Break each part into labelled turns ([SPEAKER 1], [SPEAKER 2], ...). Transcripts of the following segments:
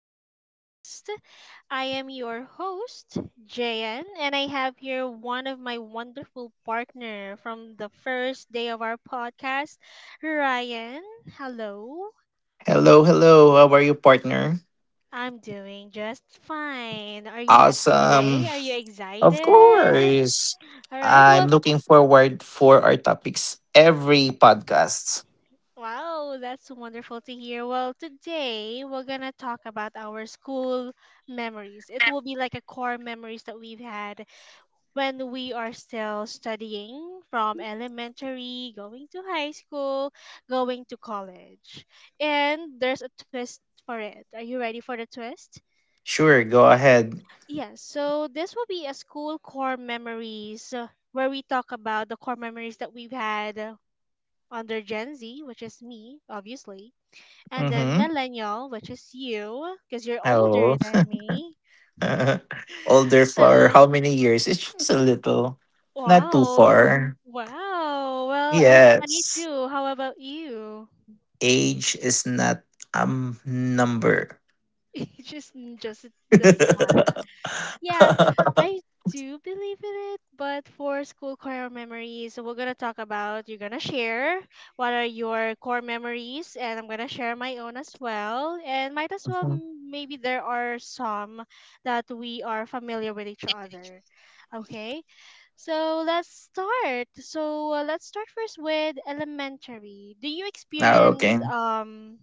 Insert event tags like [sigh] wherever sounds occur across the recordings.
[SPEAKER 1] podcast. I am your host, JN, and I have here one of my wonderful partner from the first day of our podcast, Ryan. Hello.
[SPEAKER 2] Hello, hello. How are you, partner?
[SPEAKER 1] I'm doing just fine. Are you happy
[SPEAKER 2] Awesome.
[SPEAKER 1] today? Are you
[SPEAKER 2] Of
[SPEAKER 1] excited?
[SPEAKER 2] course.
[SPEAKER 1] All right.
[SPEAKER 2] I'm
[SPEAKER 1] Well,
[SPEAKER 2] looking forward for our topics every podcast.
[SPEAKER 1] wow, that's wonderful to hear. Well, today we're gonna talk about our school memories. It will be like a core memories that we've had when we are still studying from elementary, going to high school, going to college. And there's a twist for it. Are you ready for the twist?
[SPEAKER 2] Sure, go ahead.
[SPEAKER 1] Yes, so this will be a school core memories where we talk about the core memories that we've had under Gen Z, which is me, obviously, and then
[SPEAKER 2] Mm-hmm.
[SPEAKER 1] millennial, which is you, because you're older
[SPEAKER 2] Oh.
[SPEAKER 1] than me.
[SPEAKER 2] [laughs] Older for
[SPEAKER 1] So,
[SPEAKER 2] how many years? It's just a little. Not too
[SPEAKER 1] wow,
[SPEAKER 2] far.
[SPEAKER 1] wow. Well, I'm
[SPEAKER 2] Yes.
[SPEAKER 1] 22. How about you?
[SPEAKER 2] Age is not a number.
[SPEAKER 1] [laughs] just just the same one.
[SPEAKER 2] [laughs]
[SPEAKER 1] Yeah, I do believe in it, but for school core memories, so we're gonna talk about, you're gonna share what are your core memories, and I'm gonna share my own as well. And might as well, maybe there are some that we are familiar with each other. Okay, so let's start. So let's start first with elementary. Do you
[SPEAKER 2] Ah,
[SPEAKER 1] experience
[SPEAKER 2] okay.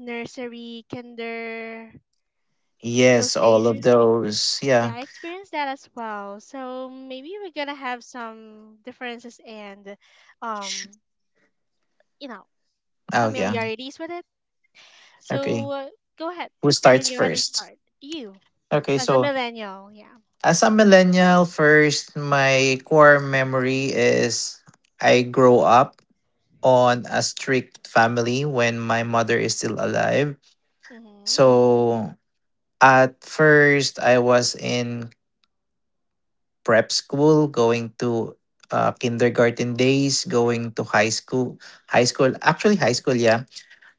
[SPEAKER 1] nursery, kinder, those
[SPEAKER 2] Yes, all
[SPEAKER 1] stage?
[SPEAKER 2] of those. Yeah.
[SPEAKER 1] Yeah, I experienced that as well. So maybe we're gonna have some differences and, um, you know,
[SPEAKER 2] Oh yeah.
[SPEAKER 1] familiarities with it.
[SPEAKER 2] Okay.
[SPEAKER 1] So go ahead.
[SPEAKER 2] Who
[SPEAKER 1] You can
[SPEAKER 2] starts
[SPEAKER 1] go ahead and
[SPEAKER 2] first?
[SPEAKER 1] start. You
[SPEAKER 2] Okay,
[SPEAKER 1] as a
[SPEAKER 2] so
[SPEAKER 1] millennial, yeah.
[SPEAKER 2] as a millennial, first, my core memory is I grow up on a strict family when my mother is still alive.
[SPEAKER 1] Mhm.
[SPEAKER 2] So at first, I was in prep school, going to kindergarten days, going to actually high school, yeah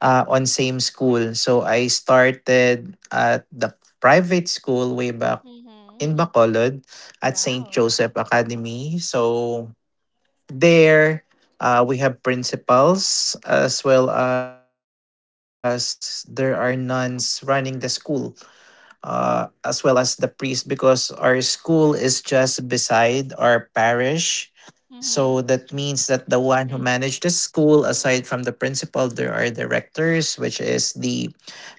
[SPEAKER 2] uh, on same school. So I started at the private school way back
[SPEAKER 1] Mhm.
[SPEAKER 2] in Bacolod at St.
[SPEAKER 1] Wow.
[SPEAKER 2] Joseph Academy. So there, we have principals as well as there are nuns running the school, as well as the priest because our school is just beside our parish. So that means that
[SPEAKER 1] Mhm.
[SPEAKER 2] the one who managed the school, aside from the principal, there are directors, which is the parish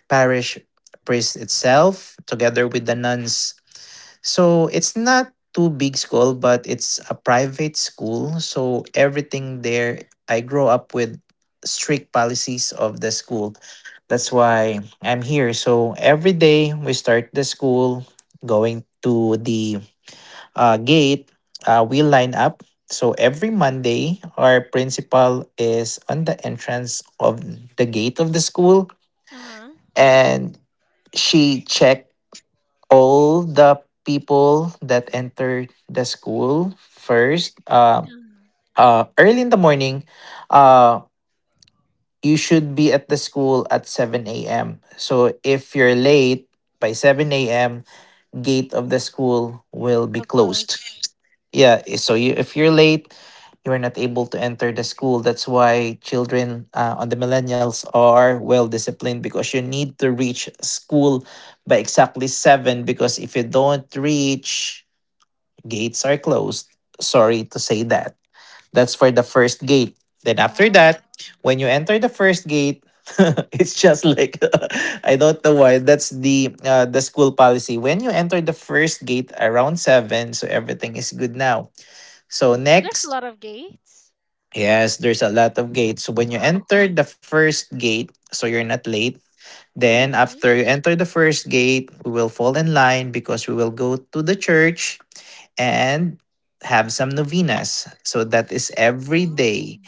[SPEAKER 2] priest itself together with the nuns. So it's not too big school, but it's a private school. So everything
[SPEAKER 1] Mhm.
[SPEAKER 2] there, I grow up with strict policies of the school. That's why I'm here. So every day we start the school, going to the gate, we line up. So every Monday, our principal is on the entrance of the gate of the school
[SPEAKER 1] Uh huh.
[SPEAKER 2] and she checked all the people that entered the school first,
[SPEAKER 1] Uh huh.
[SPEAKER 2] early in the morning. uh, you should be at the school at 7 a.m. So if you're late by 7 a.m., gate of the school will be
[SPEAKER 1] So close.
[SPEAKER 2] closed. Yeah, so you if you're late, you're not able to enter the school. That's why children, on the millennials, are well disciplined because you need to reach school by exactly 7. Because if you don't reach, gates are closed. Sorry to say that. That's for the first gate. Then after
[SPEAKER 1] Wow.
[SPEAKER 2] that, when you enter the first gate, [laughs] it's just like, [laughs] I don't know why, that's the the school policy. When you enter the first gate around 7, so everything is good now. So
[SPEAKER 1] So there's a
[SPEAKER 2] next,
[SPEAKER 1] lot of gates.
[SPEAKER 2] yes, there's a lot of gates. So
[SPEAKER 1] [laughs]
[SPEAKER 2] when you
[SPEAKER 1] Wow.
[SPEAKER 2] enter the first gate, so you're not late. Then
[SPEAKER 1] Mhm.
[SPEAKER 2] after you enter the first gate, we will fall in line because we will go to the church and have some novenas. So that is every
[SPEAKER 1] Oh.
[SPEAKER 2] day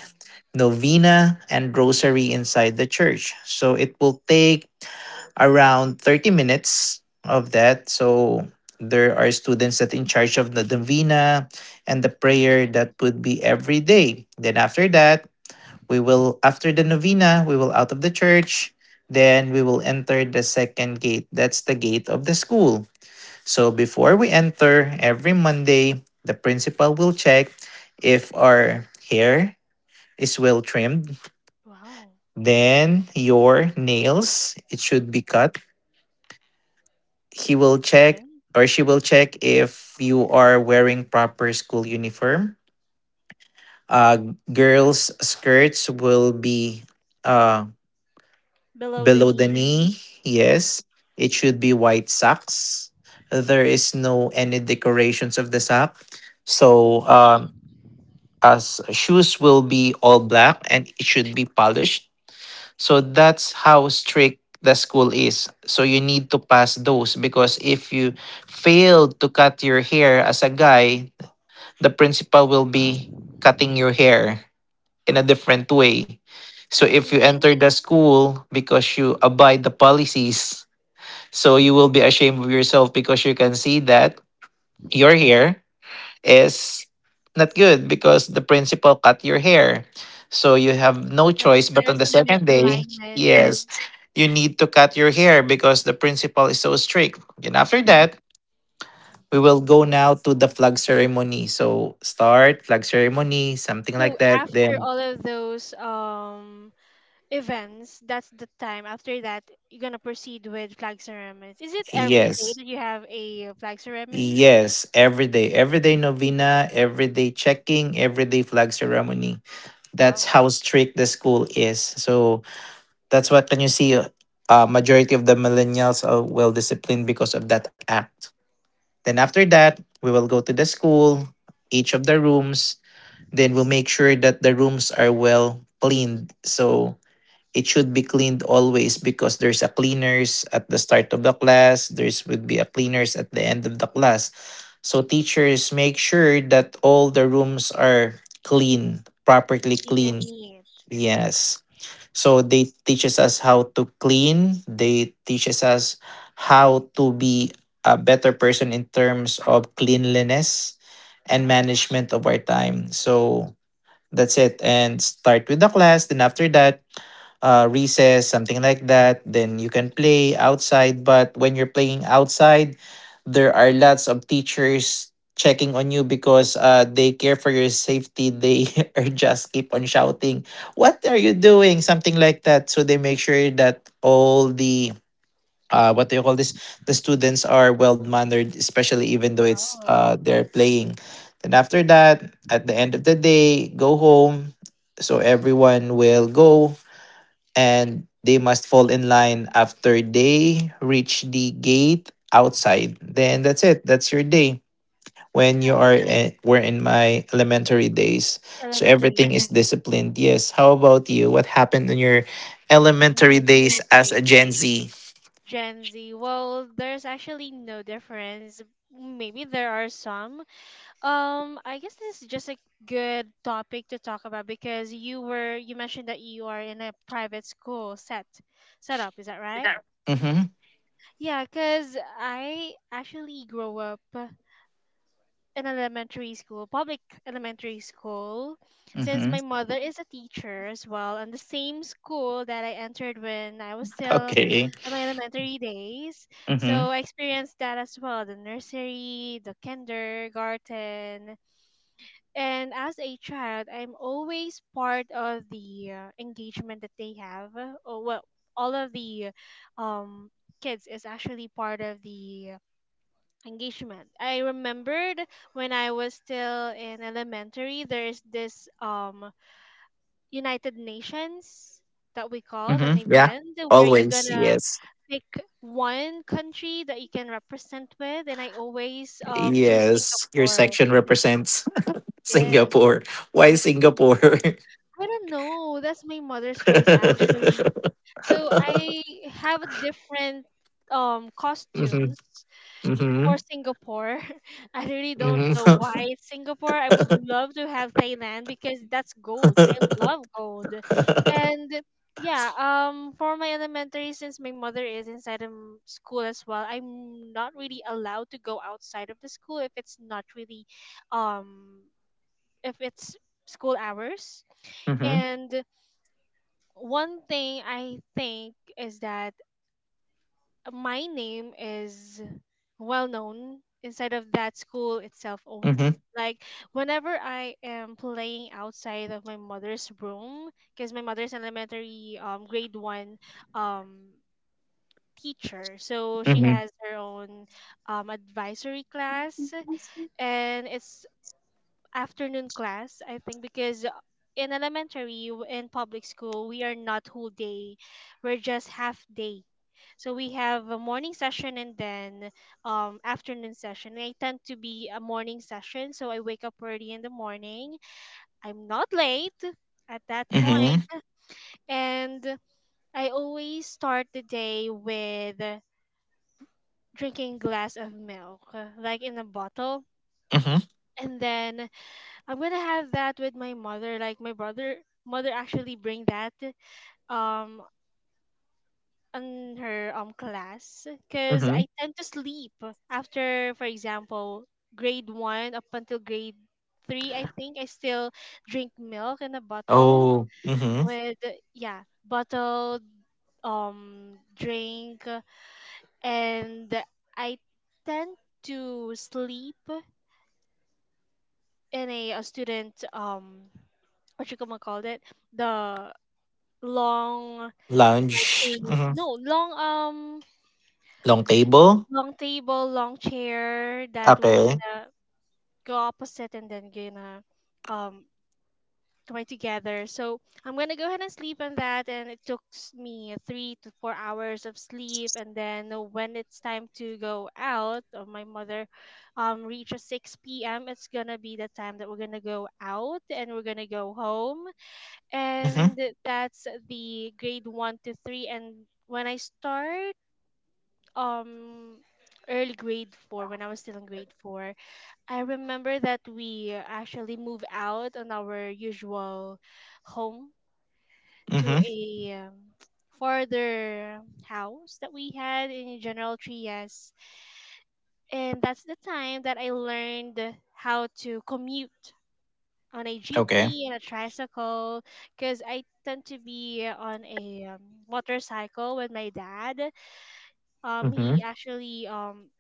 [SPEAKER 2] novena and rosary inside the church. So it will take around 30 minutes of that. So there are students that in charge of the novena and the prayer
[SPEAKER 1] Mhm.
[SPEAKER 2] that would be every day. Then after that, we will after the novena, we will out of the church. Then we will enter the second gate. That's the gate of the school. So before we enter every Monday, the principal will check if our hair is well trimmed.
[SPEAKER 1] Wow.
[SPEAKER 2] Then your nails, it should be cut. He will check,
[SPEAKER 1] Okay.
[SPEAKER 2] or she will check if you are wearing proper school uniform. Girls' skirts will be, uh,
[SPEAKER 1] Below the
[SPEAKER 2] below the
[SPEAKER 1] knee.
[SPEAKER 2] knee.
[SPEAKER 1] Yeah.
[SPEAKER 2] Yes, it should be white socks. There is no any decorations of the sock. So
[SPEAKER 1] Mhm.
[SPEAKER 2] um, as shoes will be all black and it should be polished. So that's how strict the school is. So you need to pass those because if you fail to cut your hair as a guy, the principal will be cutting your hair in a different way. So if you
[SPEAKER 1] Mm-hmm.
[SPEAKER 2] enter the school because you abide the policies, so you will be ashamed of yourself because you can see that your
[SPEAKER 1] [laughs]
[SPEAKER 2] hair is not good because the principal cut your hair. So you have no
[SPEAKER 1] Like
[SPEAKER 2] choice, but on
[SPEAKER 1] there's
[SPEAKER 2] the
[SPEAKER 1] a
[SPEAKER 2] second day,
[SPEAKER 1] misalignment.
[SPEAKER 2] yes, you need to cut your hair because the principal is so strict. And after that, we will go now to the flag ceremony. So start flag ceremony, something
[SPEAKER 1] So
[SPEAKER 2] like that.
[SPEAKER 1] after
[SPEAKER 2] Then
[SPEAKER 1] all of those events, that's the time. After that, you're gonna proceed with flag ceremonies. Is it every day
[SPEAKER 2] yes.
[SPEAKER 1] that you have a flag ceremony?
[SPEAKER 2] Yes, every day, everyday novena, everyday checking, everyday flag ceremony. That's
[SPEAKER 1] Wow,
[SPEAKER 2] how strict the school is. So that's what can you see? Majority of the millennials are well disciplined because of that act. Then after that, we will go to the school, each of the rooms. Then we'll make sure that the rooms are well cleaned. So it should be cleaned always because there's a cleaners at the start of the class. There's would be a cleaners at the end of the class. So teachers make sure that all the rooms are clean, properly
[SPEAKER 1] clean
[SPEAKER 2] clean.
[SPEAKER 1] and neat.
[SPEAKER 2] Yes. So they teaches us how to clean. They teaches us how to be a better person in terms of cleanliness and
[SPEAKER 1] Wow,
[SPEAKER 2] management of our time. So that's it. And start with the class. Then after that, recess, something like that. Then you can play outside. But when you're playing outside, there are lots of teachers checking on you because, they care for your safety. They [laughs] are just keep on shouting, "What are you doing?" Something like that. So they make sure that all the, what do you call this? The students are well mannered, especially even though it's
[SPEAKER 1] wow.
[SPEAKER 2] they're playing. Then after that, at the end of the day, go home. So everyone will go and they must fall in line after they reach the gate outside. Then that's it. That's your day. When you
[SPEAKER 1] As
[SPEAKER 2] were in my elementary days, so
[SPEAKER 1] elementary,
[SPEAKER 2] everything is [laughs] disciplined. Yes. How about you? What happened in your elementary days
[SPEAKER 1] elementary
[SPEAKER 2] as a
[SPEAKER 1] day,
[SPEAKER 2] Gen Z?
[SPEAKER 1] Gen Z. Well, there's actually no difference. Maybe there are some. I guess this is just a good topic to talk about because you mentioned that you are in a private school setup, is that right?
[SPEAKER 2] Mm-hmm.
[SPEAKER 1] Yeah, because I actually grew up in elementary school, public elementary school, since
[SPEAKER 2] Mm-hmm.
[SPEAKER 1] my mother is a teacher as well, and the same school that I entered when I was still
[SPEAKER 2] Okay.
[SPEAKER 1] in my elementary days. So
[SPEAKER 2] Mm-hmm.
[SPEAKER 1] I experienced that as well, the nursery, the kindergarten. And as a child, I'm always part of the engagement that they have. Or well, all of the um, kids is actually part of the engagement. I remembered when I was still in elementary, there is this United Nations that we called an
[SPEAKER 2] Mm-hmm. Yeah.
[SPEAKER 1] event where you're
[SPEAKER 2] Always.
[SPEAKER 1] gonna
[SPEAKER 2] Yes.
[SPEAKER 1] pick one country that you can represent with, and I always choose
[SPEAKER 2] Yes. Your
[SPEAKER 1] Singapore.
[SPEAKER 2] section represents [laughs]
[SPEAKER 1] Yes,
[SPEAKER 2] Singapore. Why Singapore? [laughs]
[SPEAKER 1] Singapore. I don't know. That's my mother's choice actually.
[SPEAKER 2] Mm-hmm.
[SPEAKER 1] So I have a different costumes for
[SPEAKER 2] Mm-hmm.
[SPEAKER 1] Singapore. [laughs] I really don't
[SPEAKER 2] Mhm.
[SPEAKER 1] know why it's Singapore. I would love to have Thailand because that's gold. I love
[SPEAKER 2] [laughs]
[SPEAKER 1] gold. And yeah, for my elementary, since my mother is inside of school as well, I'm not really allowed to go outside of the school if it's not really um if it's school hours.
[SPEAKER 2] Mhm.
[SPEAKER 1] And one thing I think is that my name is well known inside of that school itself only.
[SPEAKER 2] Mhm.
[SPEAKER 1] Like whenever I am playing outside of my mother's room, because my mother's elementary grade one um teacher, so she
[SPEAKER 2] Mhm.
[SPEAKER 1] has her own advisory class, and it's afternoon class, I think, because in elementary, in public school, we are not whole day, we're just half day. So we have a morning session and then afternoon session. I tend to be a morning session, so I wake up early in the morning. I'm not late at that
[SPEAKER 2] Mhm.
[SPEAKER 1] point, and I always start the day with drinking glass of milk, like in a bottle.
[SPEAKER 2] Mhm.
[SPEAKER 1] And then I'm gonna have that with my mother. Like mother actually bring that um on her class because
[SPEAKER 2] Mhm.
[SPEAKER 1] I
[SPEAKER 2] [laughs]
[SPEAKER 1] tend to sleep after, for example, grade one up until grade three. I think I still drink milk in a bottle
[SPEAKER 2] Oh. Mhm.
[SPEAKER 1] with yeah bottled drink, and I tend to sleep in a student what you gonna call it the long like
[SPEAKER 2] Lounge.
[SPEAKER 1] table
[SPEAKER 2] Mhm.
[SPEAKER 1] no long
[SPEAKER 2] Long table.
[SPEAKER 1] long table, long chair that will
[SPEAKER 2] Okay.
[SPEAKER 1] gonna go opposite and then gonna um join together, so I'm gonna go ahead and sleep on that, and it took me 3 to 4 hours of sleep. And then when it's time to go out, my mother reaches 6 p.m., it's gonna be the time that we're gonna go out and we're gonna go home.
[SPEAKER 2] Mhm.
[SPEAKER 1] And that's the grade one to three. And when I start um early grade four, when I was still in grade four, I remember that we actually moved out on our usual home
[SPEAKER 2] Mhm.
[SPEAKER 1] to a farther house that we had in General Trias, and that's the time that I learned how to commute on a
[SPEAKER 2] Okay.
[SPEAKER 1] jeepney and a tricycle, because I tend to be on a motorcycle with my dad.
[SPEAKER 2] Mhm.
[SPEAKER 1] He actually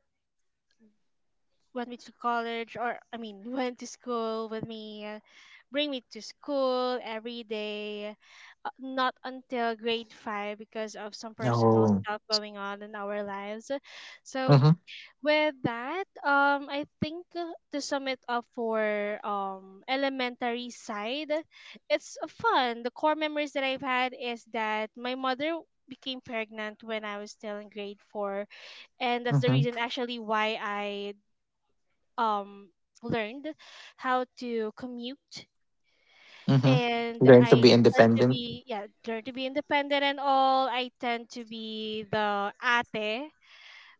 [SPEAKER 1] went me to college, or I mean [laughs] went to school with me, bring me to school every day, not until grade five because of some personal
[SPEAKER 2] Oh.
[SPEAKER 1] stuff going on in our lives. So
[SPEAKER 2] Mhm.
[SPEAKER 1] with that, I think to sum it up for elementary side, it's fun. The core memories that I've had is that my mother became pregnant when I was still in grade four, and that's the
[SPEAKER 2] Mhm.
[SPEAKER 1] reason actually why I um learned how to commute,
[SPEAKER 2] Mhm.
[SPEAKER 1] and
[SPEAKER 2] Learn to
[SPEAKER 1] I
[SPEAKER 2] be
[SPEAKER 1] tend to
[SPEAKER 2] independent.
[SPEAKER 1] be yeah learn to be independent and all. I tend to be the ate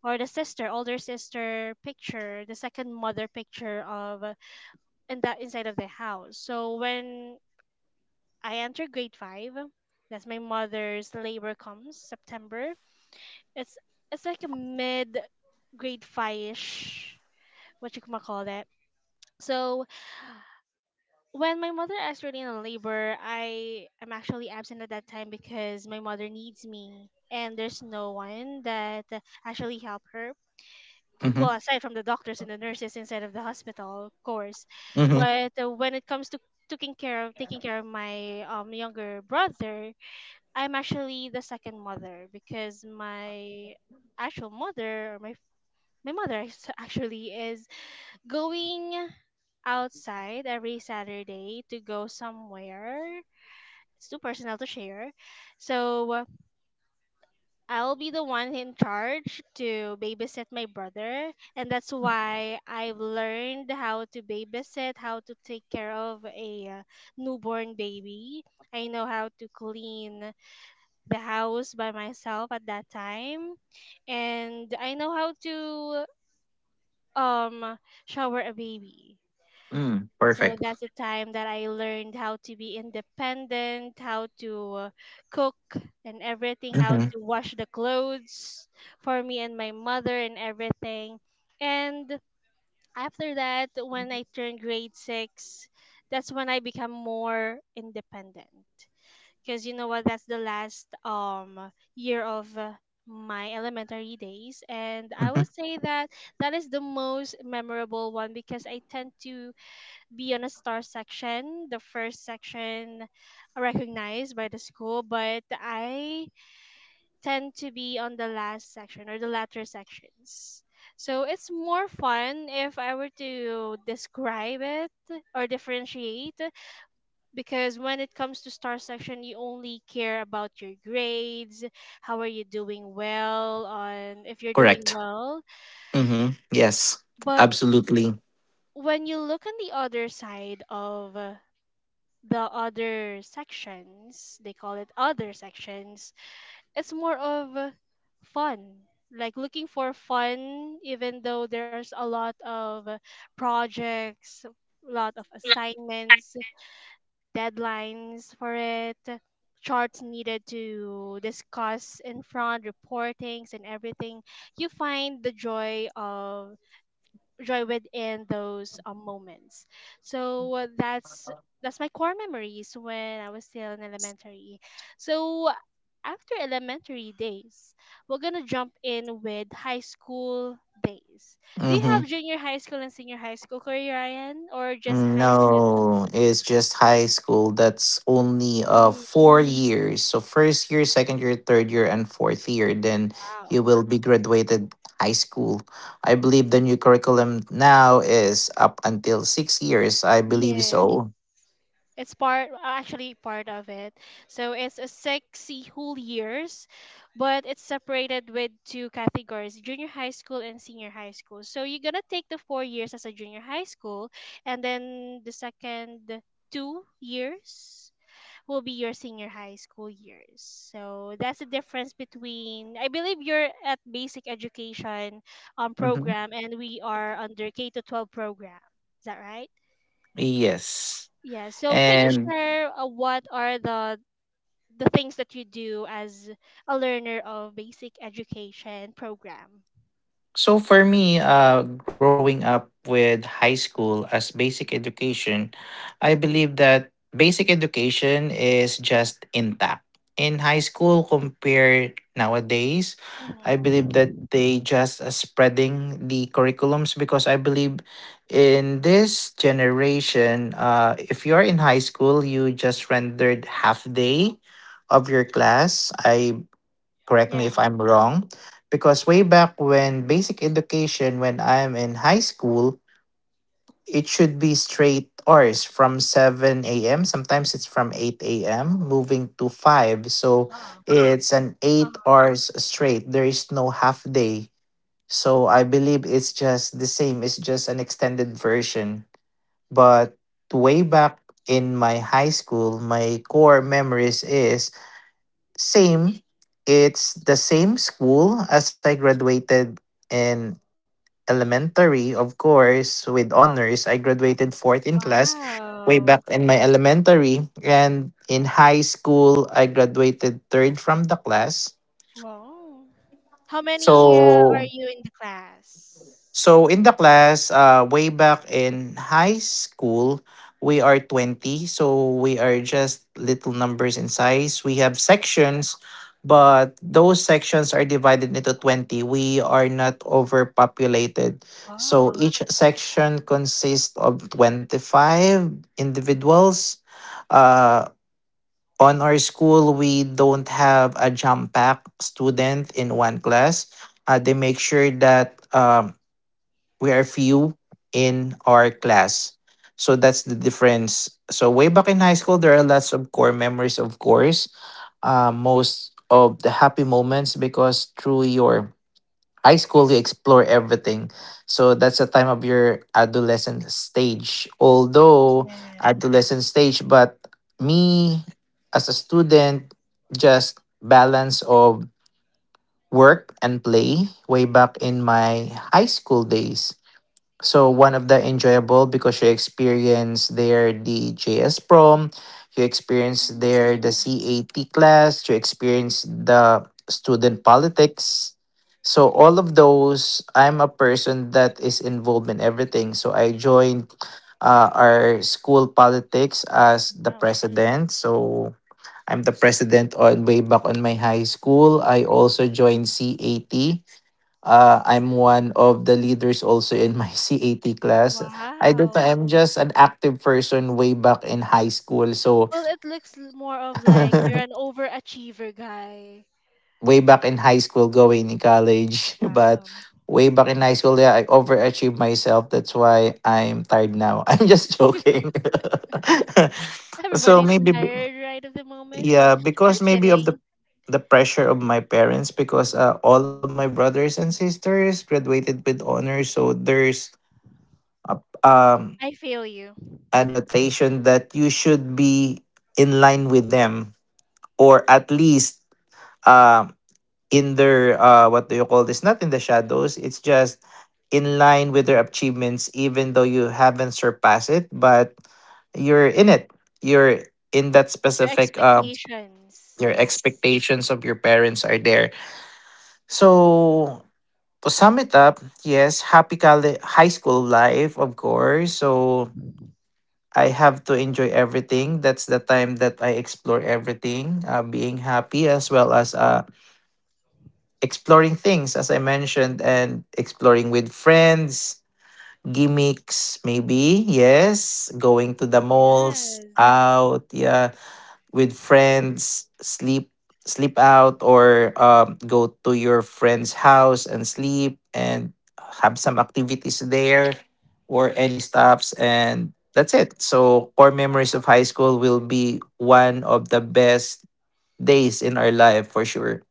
[SPEAKER 1] or the sister, older sister picture, the second mother picture of in the inside of the house. So when I enter grade five, that's my mother's labor comes September. It's it's like a mid grade five ish, what you ma call that. So when my mother is really in labor, I am actually absent at that time because my mother needs me and there's no one that actually help her
[SPEAKER 2] Mhm.
[SPEAKER 1] well aside from the doctors and the nurses inside of the hospital, of course.
[SPEAKER 2] Mhm.
[SPEAKER 1] But when it comes to taking care of my younger brother, I'm actually the second mother because my actual mother or my mother is- [laughs] actually is going outside every Saturday to go somewhere, it's too personal to share. So I'll be the one in charge to babysit my brother, and that's why I've learned how to babysit, how to take care of a newborn baby. I know how to clean the house by myself at that time, and I know how to um shower a baby.
[SPEAKER 2] Mm.
[SPEAKER 1] So
[SPEAKER 2] Perfect.
[SPEAKER 1] that's the time that I learned how to be independent, how to cook and everything, how to
[SPEAKER 2] Mhm.
[SPEAKER 1] wash the clothes for me and my mother and everything. And after that, when I turned grade six, that's when I become more independent. Because you know what? That's the last year of my elementary days, and I would
[SPEAKER 2] Mhm.
[SPEAKER 1] say that that is the most memorable one because I tend to be on a star section, the first section recognized by the school, but I tend to be on the last section or the latter sections. So it's more fun if I were to describe it or differentiate, because when it comes to star section, you only care about your grades, how are you doing well, on if you're doing
[SPEAKER 2] Correct.
[SPEAKER 1] well.
[SPEAKER 2] Mhm. Yes.
[SPEAKER 1] But
[SPEAKER 2] Absolutely.
[SPEAKER 1] when you look on the other side of the other sections, they call it other sections, it's more of fun, like looking for fun even though there's a lot of projects, a lot of assignments, deadlines for it, charts needed to discuss in front, reportings and everything, you find the joy of joy within those moments. So that's my core memories when I was still in elementary. So after elementary days, we're gonna jump in with high school days. Do you
[SPEAKER 2] Mhm.
[SPEAKER 1] have junior high school and senior high school, Corey Ryan, or just high school?
[SPEAKER 2] No, it's just high school. That's only
[SPEAKER 1] Mm,
[SPEAKER 2] 4 years. So first year, second year, third year, and fourth year. Then you
[SPEAKER 1] wow.
[SPEAKER 2] will be graduated high school. I believe the new curriculum now is up until 6 years. I believe
[SPEAKER 1] Yes.
[SPEAKER 2] so.
[SPEAKER 1] It's part, actually part of it. So it's a sexy whole years, but it's separated with two categories, junior high school and senior high school. So you're gonna take the 4 years as a junior high school, and then the second 2 years will be your senior high school years. So that's the difference between, I believe you're at basic education
[SPEAKER 2] hmm
[SPEAKER 1] program, and we are under K to 12 program. Is that right?
[SPEAKER 2] Yes.
[SPEAKER 1] Yeah. So can you
[SPEAKER 2] And
[SPEAKER 1] share what are the things that you do as a learner of basic education program?
[SPEAKER 2] so for me, growing up with high school as basic education, I believe that basic education is just intact. In high school compared nowadays, I believe that
[SPEAKER 1] Mm-hmm.
[SPEAKER 2] they just, spreading the curriculums, because I believe in this generation, if you're in high school, you just rendered half day of your class. I correct me if
[SPEAKER 1] Yeah.
[SPEAKER 2] I'm wrong, because way back when basic education, when I'm in high school, it should be straight hours from 7 a.m. Sometimes it's from 8 a.m. moving to 5. So
[SPEAKER 1] Uh-uh.
[SPEAKER 2] it's an eight
[SPEAKER 1] Uh-uh.
[SPEAKER 2] hours straight. There is no half day. So I believe it's just the same. It's just an extended version. But way back in my high school, my core memories is same. It's the same school as I graduated in elementary, of course, with honors. I graduated fourth in class way back
[SPEAKER 1] Wow.
[SPEAKER 2] in my elementary. And in high school, I graduated third from the class.
[SPEAKER 1] Wow. How many are
[SPEAKER 2] So
[SPEAKER 1] you in the class?
[SPEAKER 2] So in the class, way back in high school, we are 20. So we are just little numbers in size. We have sections, but those sections are divided into 20. We are not overpopulated. So
[SPEAKER 1] Wow.
[SPEAKER 2] each section consists of 25 individuals. Uh, on our school, we don't have a jump pack student in one class. They make sure that. We are few in our class. So that's the difference. So way back in high school, there are lots of core memories, of course. Most of the happy moments because through your high school, you explore everything. So that's the time of your adolescent stage. Although
[SPEAKER 1] Yeah.
[SPEAKER 2] adolescent stage, but me as a student, just balance of work and play way back in my high school days. So one of the enjoyable because you experience there the JS prom, you experience there the
[SPEAKER 1] Mm.
[SPEAKER 2] CAT class, you experience the student politics. So all of those, I'm a person that is involved in everything. So I joined, our school politics as the
[SPEAKER 1] Wow.
[SPEAKER 2] president. So I'm the president on way back on my high school. I also joined CAT, I'm one of the leaders also in my [laughs] CAT class. I don't know.
[SPEAKER 1] Wow.
[SPEAKER 2] I'm just an active person way back in high school. So,
[SPEAKER 1] Well, it looks more of like you're
[SPEAKER 2] [laughs]
[SPEAKER 1] an overachiever guy.
[SPEAKER 2] way back in high school, going in college. [laughs] But
[SPEAKER 1] Wow.
[SPEAKER 2] way back in high school, yeah, I overachieved myself. That's why I'm tired now. [laughs] I'm just joking. [laughs] So
[SPEAKER 1] Everybody's
[SPEAKER 2] maybe,
[SPEAKER 1] tired right of the moment,
[SPEAKER 2] yeah,
[SPEAKER 1] but
[SPEAKER 2] because
[SPEAKER 1] we're just
[SPEAKER 2] maybe of the
[SPEAKER 1] kidding.
[SPEAKER 2] the pressure of my parents, because, all of my
[SPEAKER 1] Mm.
[SPEAKER 2] brothers and sisters graduated with honors, so there's a,
[SPEAKER 1] I feel you.
[SPEAKER 2] annotation that you should be in line with them, or at least, uh, in their, what do you call this, not in the shadows, it's just in line with their achievements even though you haven't surpassed it, but you're in it, you're in that
[SPEAKER 1] Your
[SPEAKER 2] specific,
[SPEAKER 1] expectations.
[SPEAKER 2] your
[SPEAKER 1] Yeah.
[SPEAKER 2] expectations of your parents are there. So to sum it up, yes, happy college, high school life of course. So I have to enjoy everything. That's the time that I explore everything, being happy as well as, exploring things, as I mentioned, and exploring with friends, gimmicks, maybe. Yes, going to the malls,
[SPEAKER 1] Yes.
[SPEAKER 2] out. Yeah, with friends, sleep out or, go to your friend's house and sleep and have some activities there or any stops and that's it. So core memories of high school will be one of the best days in our life for sure.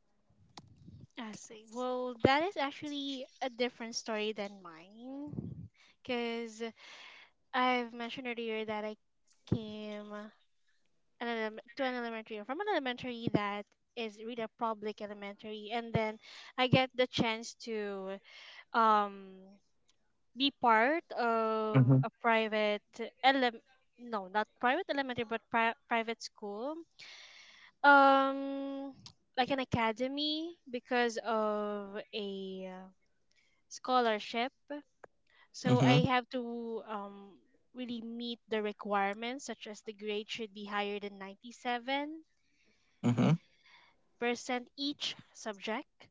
[SPEAKER 1] I see. Well, that is actually a different story than mine. Because I've mentioned earlier that I came an elem- to an elementary, from an elementary that is really a public elementary. And then I get the chance to um be part
[SPEAKER 2] Mm-hmm.
[SPEAKER 1] of a private ele- no, not private elementary, but private school, um like an academy, because of a scholarship. So
[SPEAKER 2] Mm-hmm.
[SPEAKER 1] I have to really meet the requirements, such as the grade should be higher than 97
[SPEAKER 2] Mm-hmm.
[SPEAKER 1] percent each subject.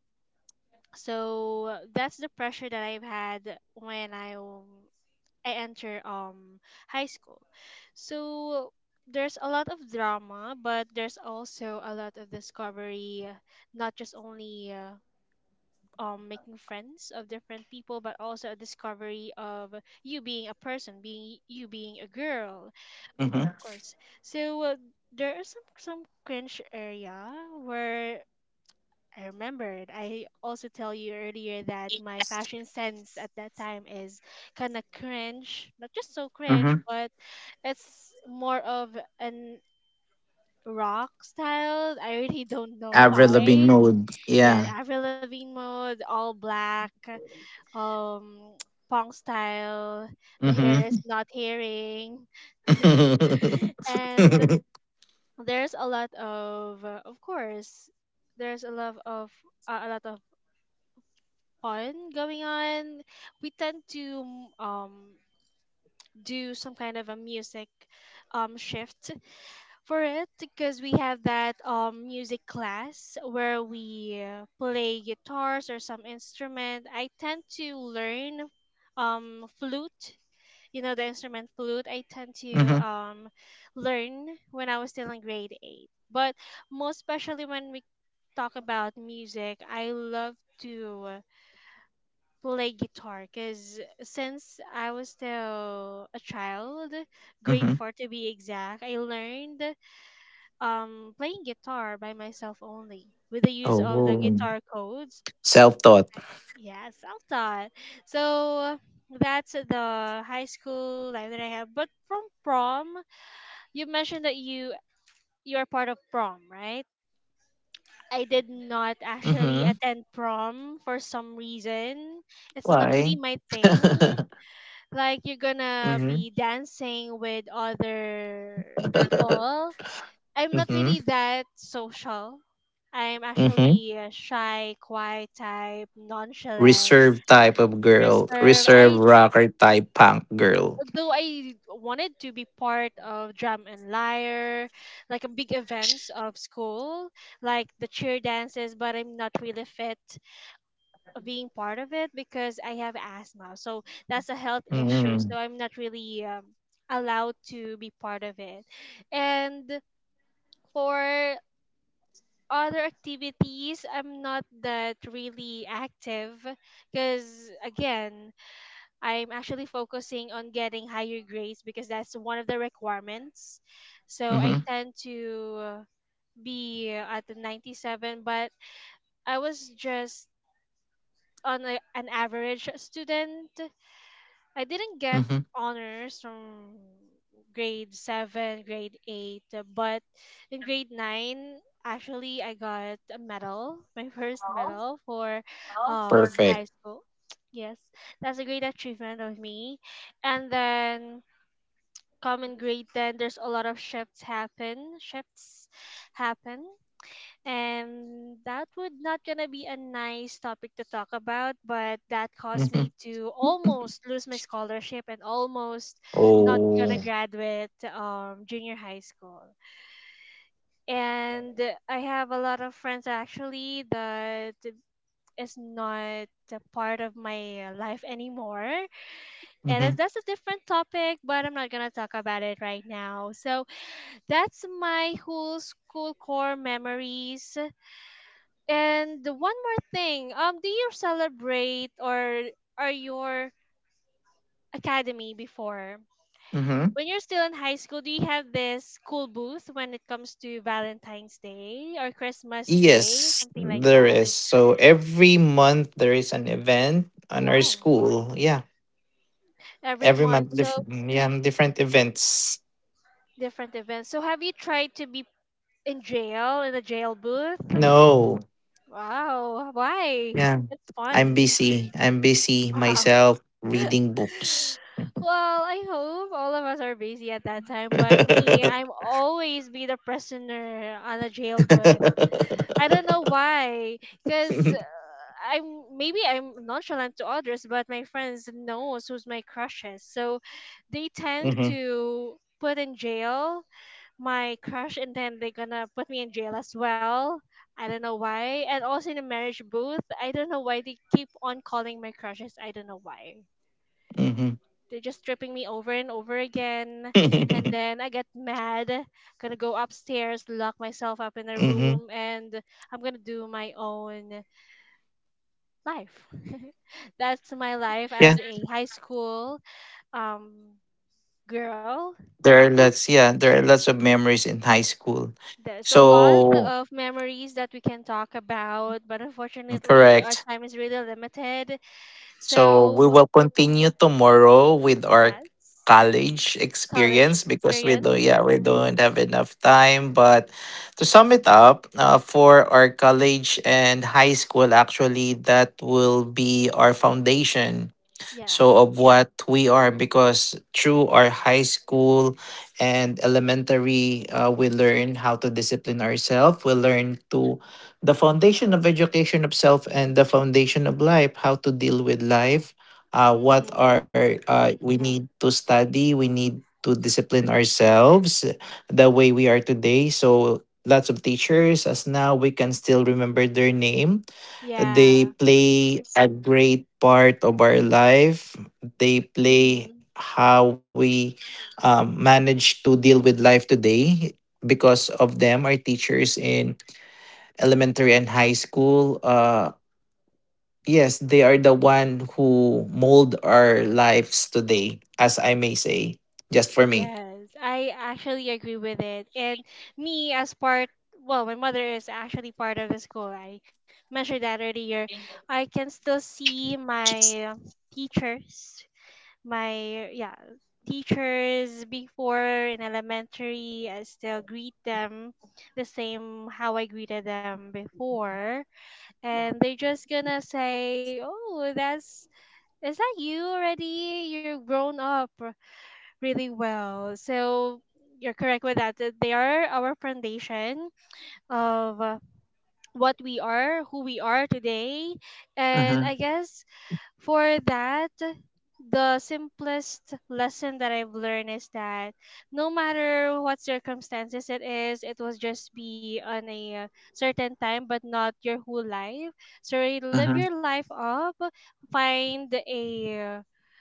[SPEAKER 1] So that's the pressure that I've had when I enter high school. So there's a lot of drama, but there's also a lot of discovery, not just only making friends of different people, but also a discovery of you being a person, being a girl, of
[SPEAKER 2] Mm-hmm.
[SPEAKER 1] course. So there are some cringe area where I remembered. I also tell you earlier that my fashion sense at that time is kind of cringe, not just so cringe,
[SPEAKER 2] Mm-hmm.
[SPEAKER 1] but it's more of an rock style. I really don't know
[SPEAKER 2] Avril Lavigne
[SPEAKER 1] why.
[SPEAKER 2] mode.
[SPEAKER 1] Yeah,
[SPEAKER 2] Yeah.
[SPEAKER 1] Avril Lavigne mode, all black, um, [tsk] punk style. The
[SPEAKER 2] Mm-hmm.
[SPEAKER 1] hair is not hairing,
[SPEAKER 2] [laughs]
[SPEAKER 1] and
[SPEAKER 2] Mm-hmm.
[SPEAKER 1] there's a lot of course, there's a lot of a a lot of fun going on. We tend to do some kind of a music shift for it, because we have that music class where we play guitars or some instrument. I tend to learn flute. You know the instrument flute. I tend to learn when I was still in grade 8. But most especially when we talk about music, I love to play guitar because since I was still a child, grade
[SPEAKER 2] Mm-hmm.
[SPEAKER 1] four to be exact, I learned playing guitar by myself only with the use of the
[SPEAKER 2] Oh.
[SPEAKER 1] guitar codes.
[SPEAKER 2] Self-taught.
[SPEAKER 1] I- Yeah, self taught. So that's the high school life that I have. But from prom, you mentioned that you are part of prom, right?
[SPEAKER 2] Mm-hmm.
[SPEAKER 1] I did not actually attend prom for some
[SPEAKER 2] Why?
[SPEAKER 1] reason. It's not really
[SPEAKER 2] [laughs]
[SPEAKER 1] my thing. Like you're
[SPEAKER 2] Mhm.
[SPEAKER 1] gonna be dancing with
[SPEAKER 2] [laughs]
[SPEAKER 1] other people. I'm
[SPEAKER 2] Mhm.
[SPEAKER 1] not really that social. I'm
[SPEAKER 2] Mhm.
[SPEAKER 1] actually a shy, quiet type, nonchalant,
[SPEAKER 2] Reserved [laughs] type of girl,
[SPEAKER 1] reserved.
[SPEAKER 2] reserved
[SPEAKER 1] I
[SPEAKER 2] rocker type punk girl.
[SPEAKER 1] though I wanted to be part of Drum and Lyre, like a big events of school, like the cheer dances, but I'm not really fit being part of it because I have asthma. So that's a health issue.
[SPEAKER 2] Mhm.
[SPEAKER 1] So I'm not really allowed to be part of it. And for other activities, I'm not that really active because, again, I'm actually focusing on getting higher grades because that's one of the requirements. So I
[SPEAKER 2] Mhm.
[SPEAKER 1] tend to be at the 97, but I was just on an average student. I didn't get
[SPEAKER 2] Mhm.
[SPEAKER 1] honors from grade 7, grade 8, but in grade 9, actually I got a medal, [laughs] my first medal for
[SPEAKER 2] Perfect.
[SPEAKER 1] high school. [tsk] Yes, that's a great achievement of me. And then come in grade 10, there's a lot of shifts happen, shifts happen, and that would not gonna be a nice topic to talk about, but that caused
[SPEAKER 2] Mhm.
[SPEAKER 1] me to almost lose my scholarship and almost not
[SPEAKER 2] Oh.
[SPEAKER 1] gonna graduate junior high school. And I have a lot of friends actually that is not a part of my life anymore. And
[SPEAKER 2] Mhm.
[SPEAKER 1] that's a different topic, but I'm not gonna talk about it right now. So that's my whole school core memories. And the one more thing, do you celebrate or are your academy before?
[SPEAKER 2] Mhm.
[SPEAKER 1] When you're still in high school, do you have this school booth when it comes to Valentine's Day or Christmas Day,
[SPEAKER 2] Yes,
[SPEAKER 1] something like
[SPEAKER 2] there
[SPEAKER 1] that?
[SPEAKER 2] is. So every month there is an event on our
[SPEAKER 1] Wow.
[SPEAKER 2] school. Yeah.
[SPEAKER 1] Every
[SPEAKER 2] Every
[SPEAKER 1] month,
[SPEAKER 2] month
[SPEAKER 1] so
[SPEAKER 2] different, yeah, different events.
[SPEAKER 1] different events. So have you tried to be in the jail booth?
[SPEAKER 2] No.
[SPEAKER 1] Wow. Why?
[SPEAKER 2] Yeah.
[SPEAKER 1] It's
[SPEAKER 2] I'm
[SPEAKER 1] fun. [laughs]
[SPEAKER 2] busy. I'm busy
[SPEAKER 1] Wow.
[SPEAKER 2] myself reading books.
[SPEAKER 1] Well, I hope all of us are busy at that time, but me, I'm
[SPEAKER 2] [laughs]
[SPEAKER 1] always be the prisoner on a jail bus. I don't know why, cause I'm maybe I'm nonchalant to others, but my friends knows who's my crushes, so they tend
[SPEAKER 2] Mhm,
[SPEAKER 1] to put in jail my crush, and then they're gonna put me in jail as well. I don't know why, and also in the marriage booth, I don't know why they keep on calling my crushes. I don't know why.
[SPEAKER 2] mhm,
[SPEAKER 1] They're just tripping me over and over again. And then I get mad, gonna go upstairs, lock myself up in a
[SPEAKER 2] mhm.
[SPEAKER 1] room, and I'm gonna do my own life. [laughs] That's my
[SPEAKER 2] [laughs]
[SPEAKER 1] life as
[SPEAKER 2] Yeah,
[SPEAKER 1] a high school um, girl.
[SPEAKER 2] there are lots. Yeah, there are lots of memories in high school.
[SPEAKER 1] There's a lot
[SPEAKER 2] So
[SPEAKER 1] of memories that we can talk about, but unfortunately, our
[SPEAKER 2] correct.
[SPEAKER 1] time is really limited.
[SPEAKER 2] So we
[SPEAKER 1] So,
[SPEAKER 2] will continue tomorrow with our
[SPEAKER 1] yes,
[SPEAKER 2] college
[SPEAKER 1] college
[SPEAKER 2] experience because we do. Yeah, we
[SPEAKER 1] experience.
[SPEAKER 2] don't have enough time. But to sum it up, for our college and high school, actually, that will be our foundation so
[SPEAKER 1] Yeah.
[SPEAKER 2] of what we are, because through our high school and elementary, we learn how to discipline ourselves, we learn to the foundation of education of self and the foundation of life, how to deal with life, what
[SPEAKER 1] Mm-hmm.
[SPEAKER 2] are, we need to study, we need to discipline ourselves the way we are today. So lots of teachers, as now we can still remember their name,
[SPEAKER 1] Yeah.
[SPEAKER 2] they play a great part of our life. They play
[SPEAKER 1] Mm-hmm.
[SPEAKER 2] how we, manage to deal with life today. Because of them, our teachers in elementary and high school, yes, they are the one who mold our lives today, as I may say, just for me.
[SPEAKER 1] Yes, I actually agree with it. And me, as part, well, my mother is actually part of the school. I mentioned that earlier. I can still see my teachers, my, yeah, teachers before in elementary. I still greet them the same how I greeted them before. And they're just gonna say, oh, that's, is that you already? You're grown up really well. So you're correct with that. They are our foundation of what we are, who we are today. And
[SPEAKER 2] Mm-hmm,
[SPEAKER 1] I guess for that, the simplest lesson that I've learned is that no matter what circumstances it is, it will just be on a certain time, but not your whole life. So really live your
[SPEAKER 2] mm-hmm,
[SPEAKER 1] life up, find a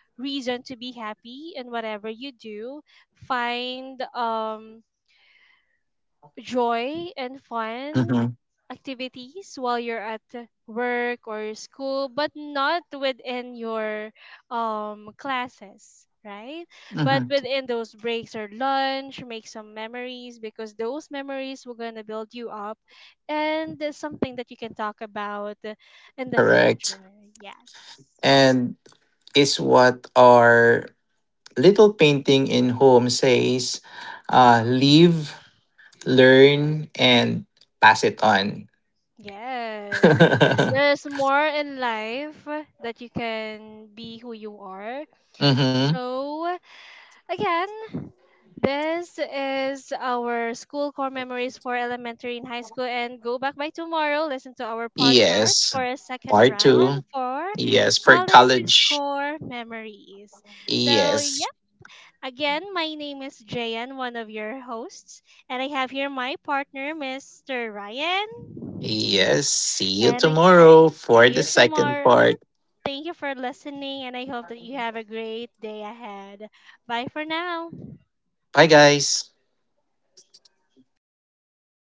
[SPEAKER 1] reason to be happy in whatever you do. Find joy and fun
[SPEAKER 2] mm-hmm,
[SPEAKER 1] activities while you're at work or school, but not within your classes. Right, but
[SPEAKER 2] mm-hmm.
[SPEAKER 1] within those breaks or lunch, make some memories because those memories will gonna build you up, and there's something that you can talk about in the future.
[SPEAKER 2] Correct.
[SPEAKER 1] Yes.
[SPEAKER 2] And is what our little painting in home says, live, learn, and pass it on. [laughs]
[SPEAKER 1] Yes.
[SPEAKER 2] Mm-hmm.
[SPEAKER 1] There's more in life that you can be who you are. So, again, this is our school core memories for elementary and high school. And go back by tomorrow, listen to our podcast
[SPEAKER 2] Yes.
[SPEAKER 1] for a second
[SPEAKER 2] Part two.
[SPEAKER 1] round for
[SPEAKER 2] Yes. For
[SPEAKER 1] college
[SPEAKER 2] college.
[SPEAKER 1] core memories. So,
[SPEAKER 2] Yes.
[SPEAKER 1] yeah, again, my name is Jayan, one of your hosts. And I have here my partner, Mr. Ryan.
[SPEAKER 2] Yes. See you
[SPEAKER 1] And I guess
[SPEAKER 2] tomorrow for
[SPEAKER 1] see
[SPEAKER 2] the
[SPEAKER 1] you
[SPEAKER 2] second
[SPEAKER 1] tomorrow.
[SPEAKER 2] part.
[SPEAKER 1] Thank you for listening, and I hope that you have a great day ahead. Bye for now.
[SPEAKER 2] Bye, guys.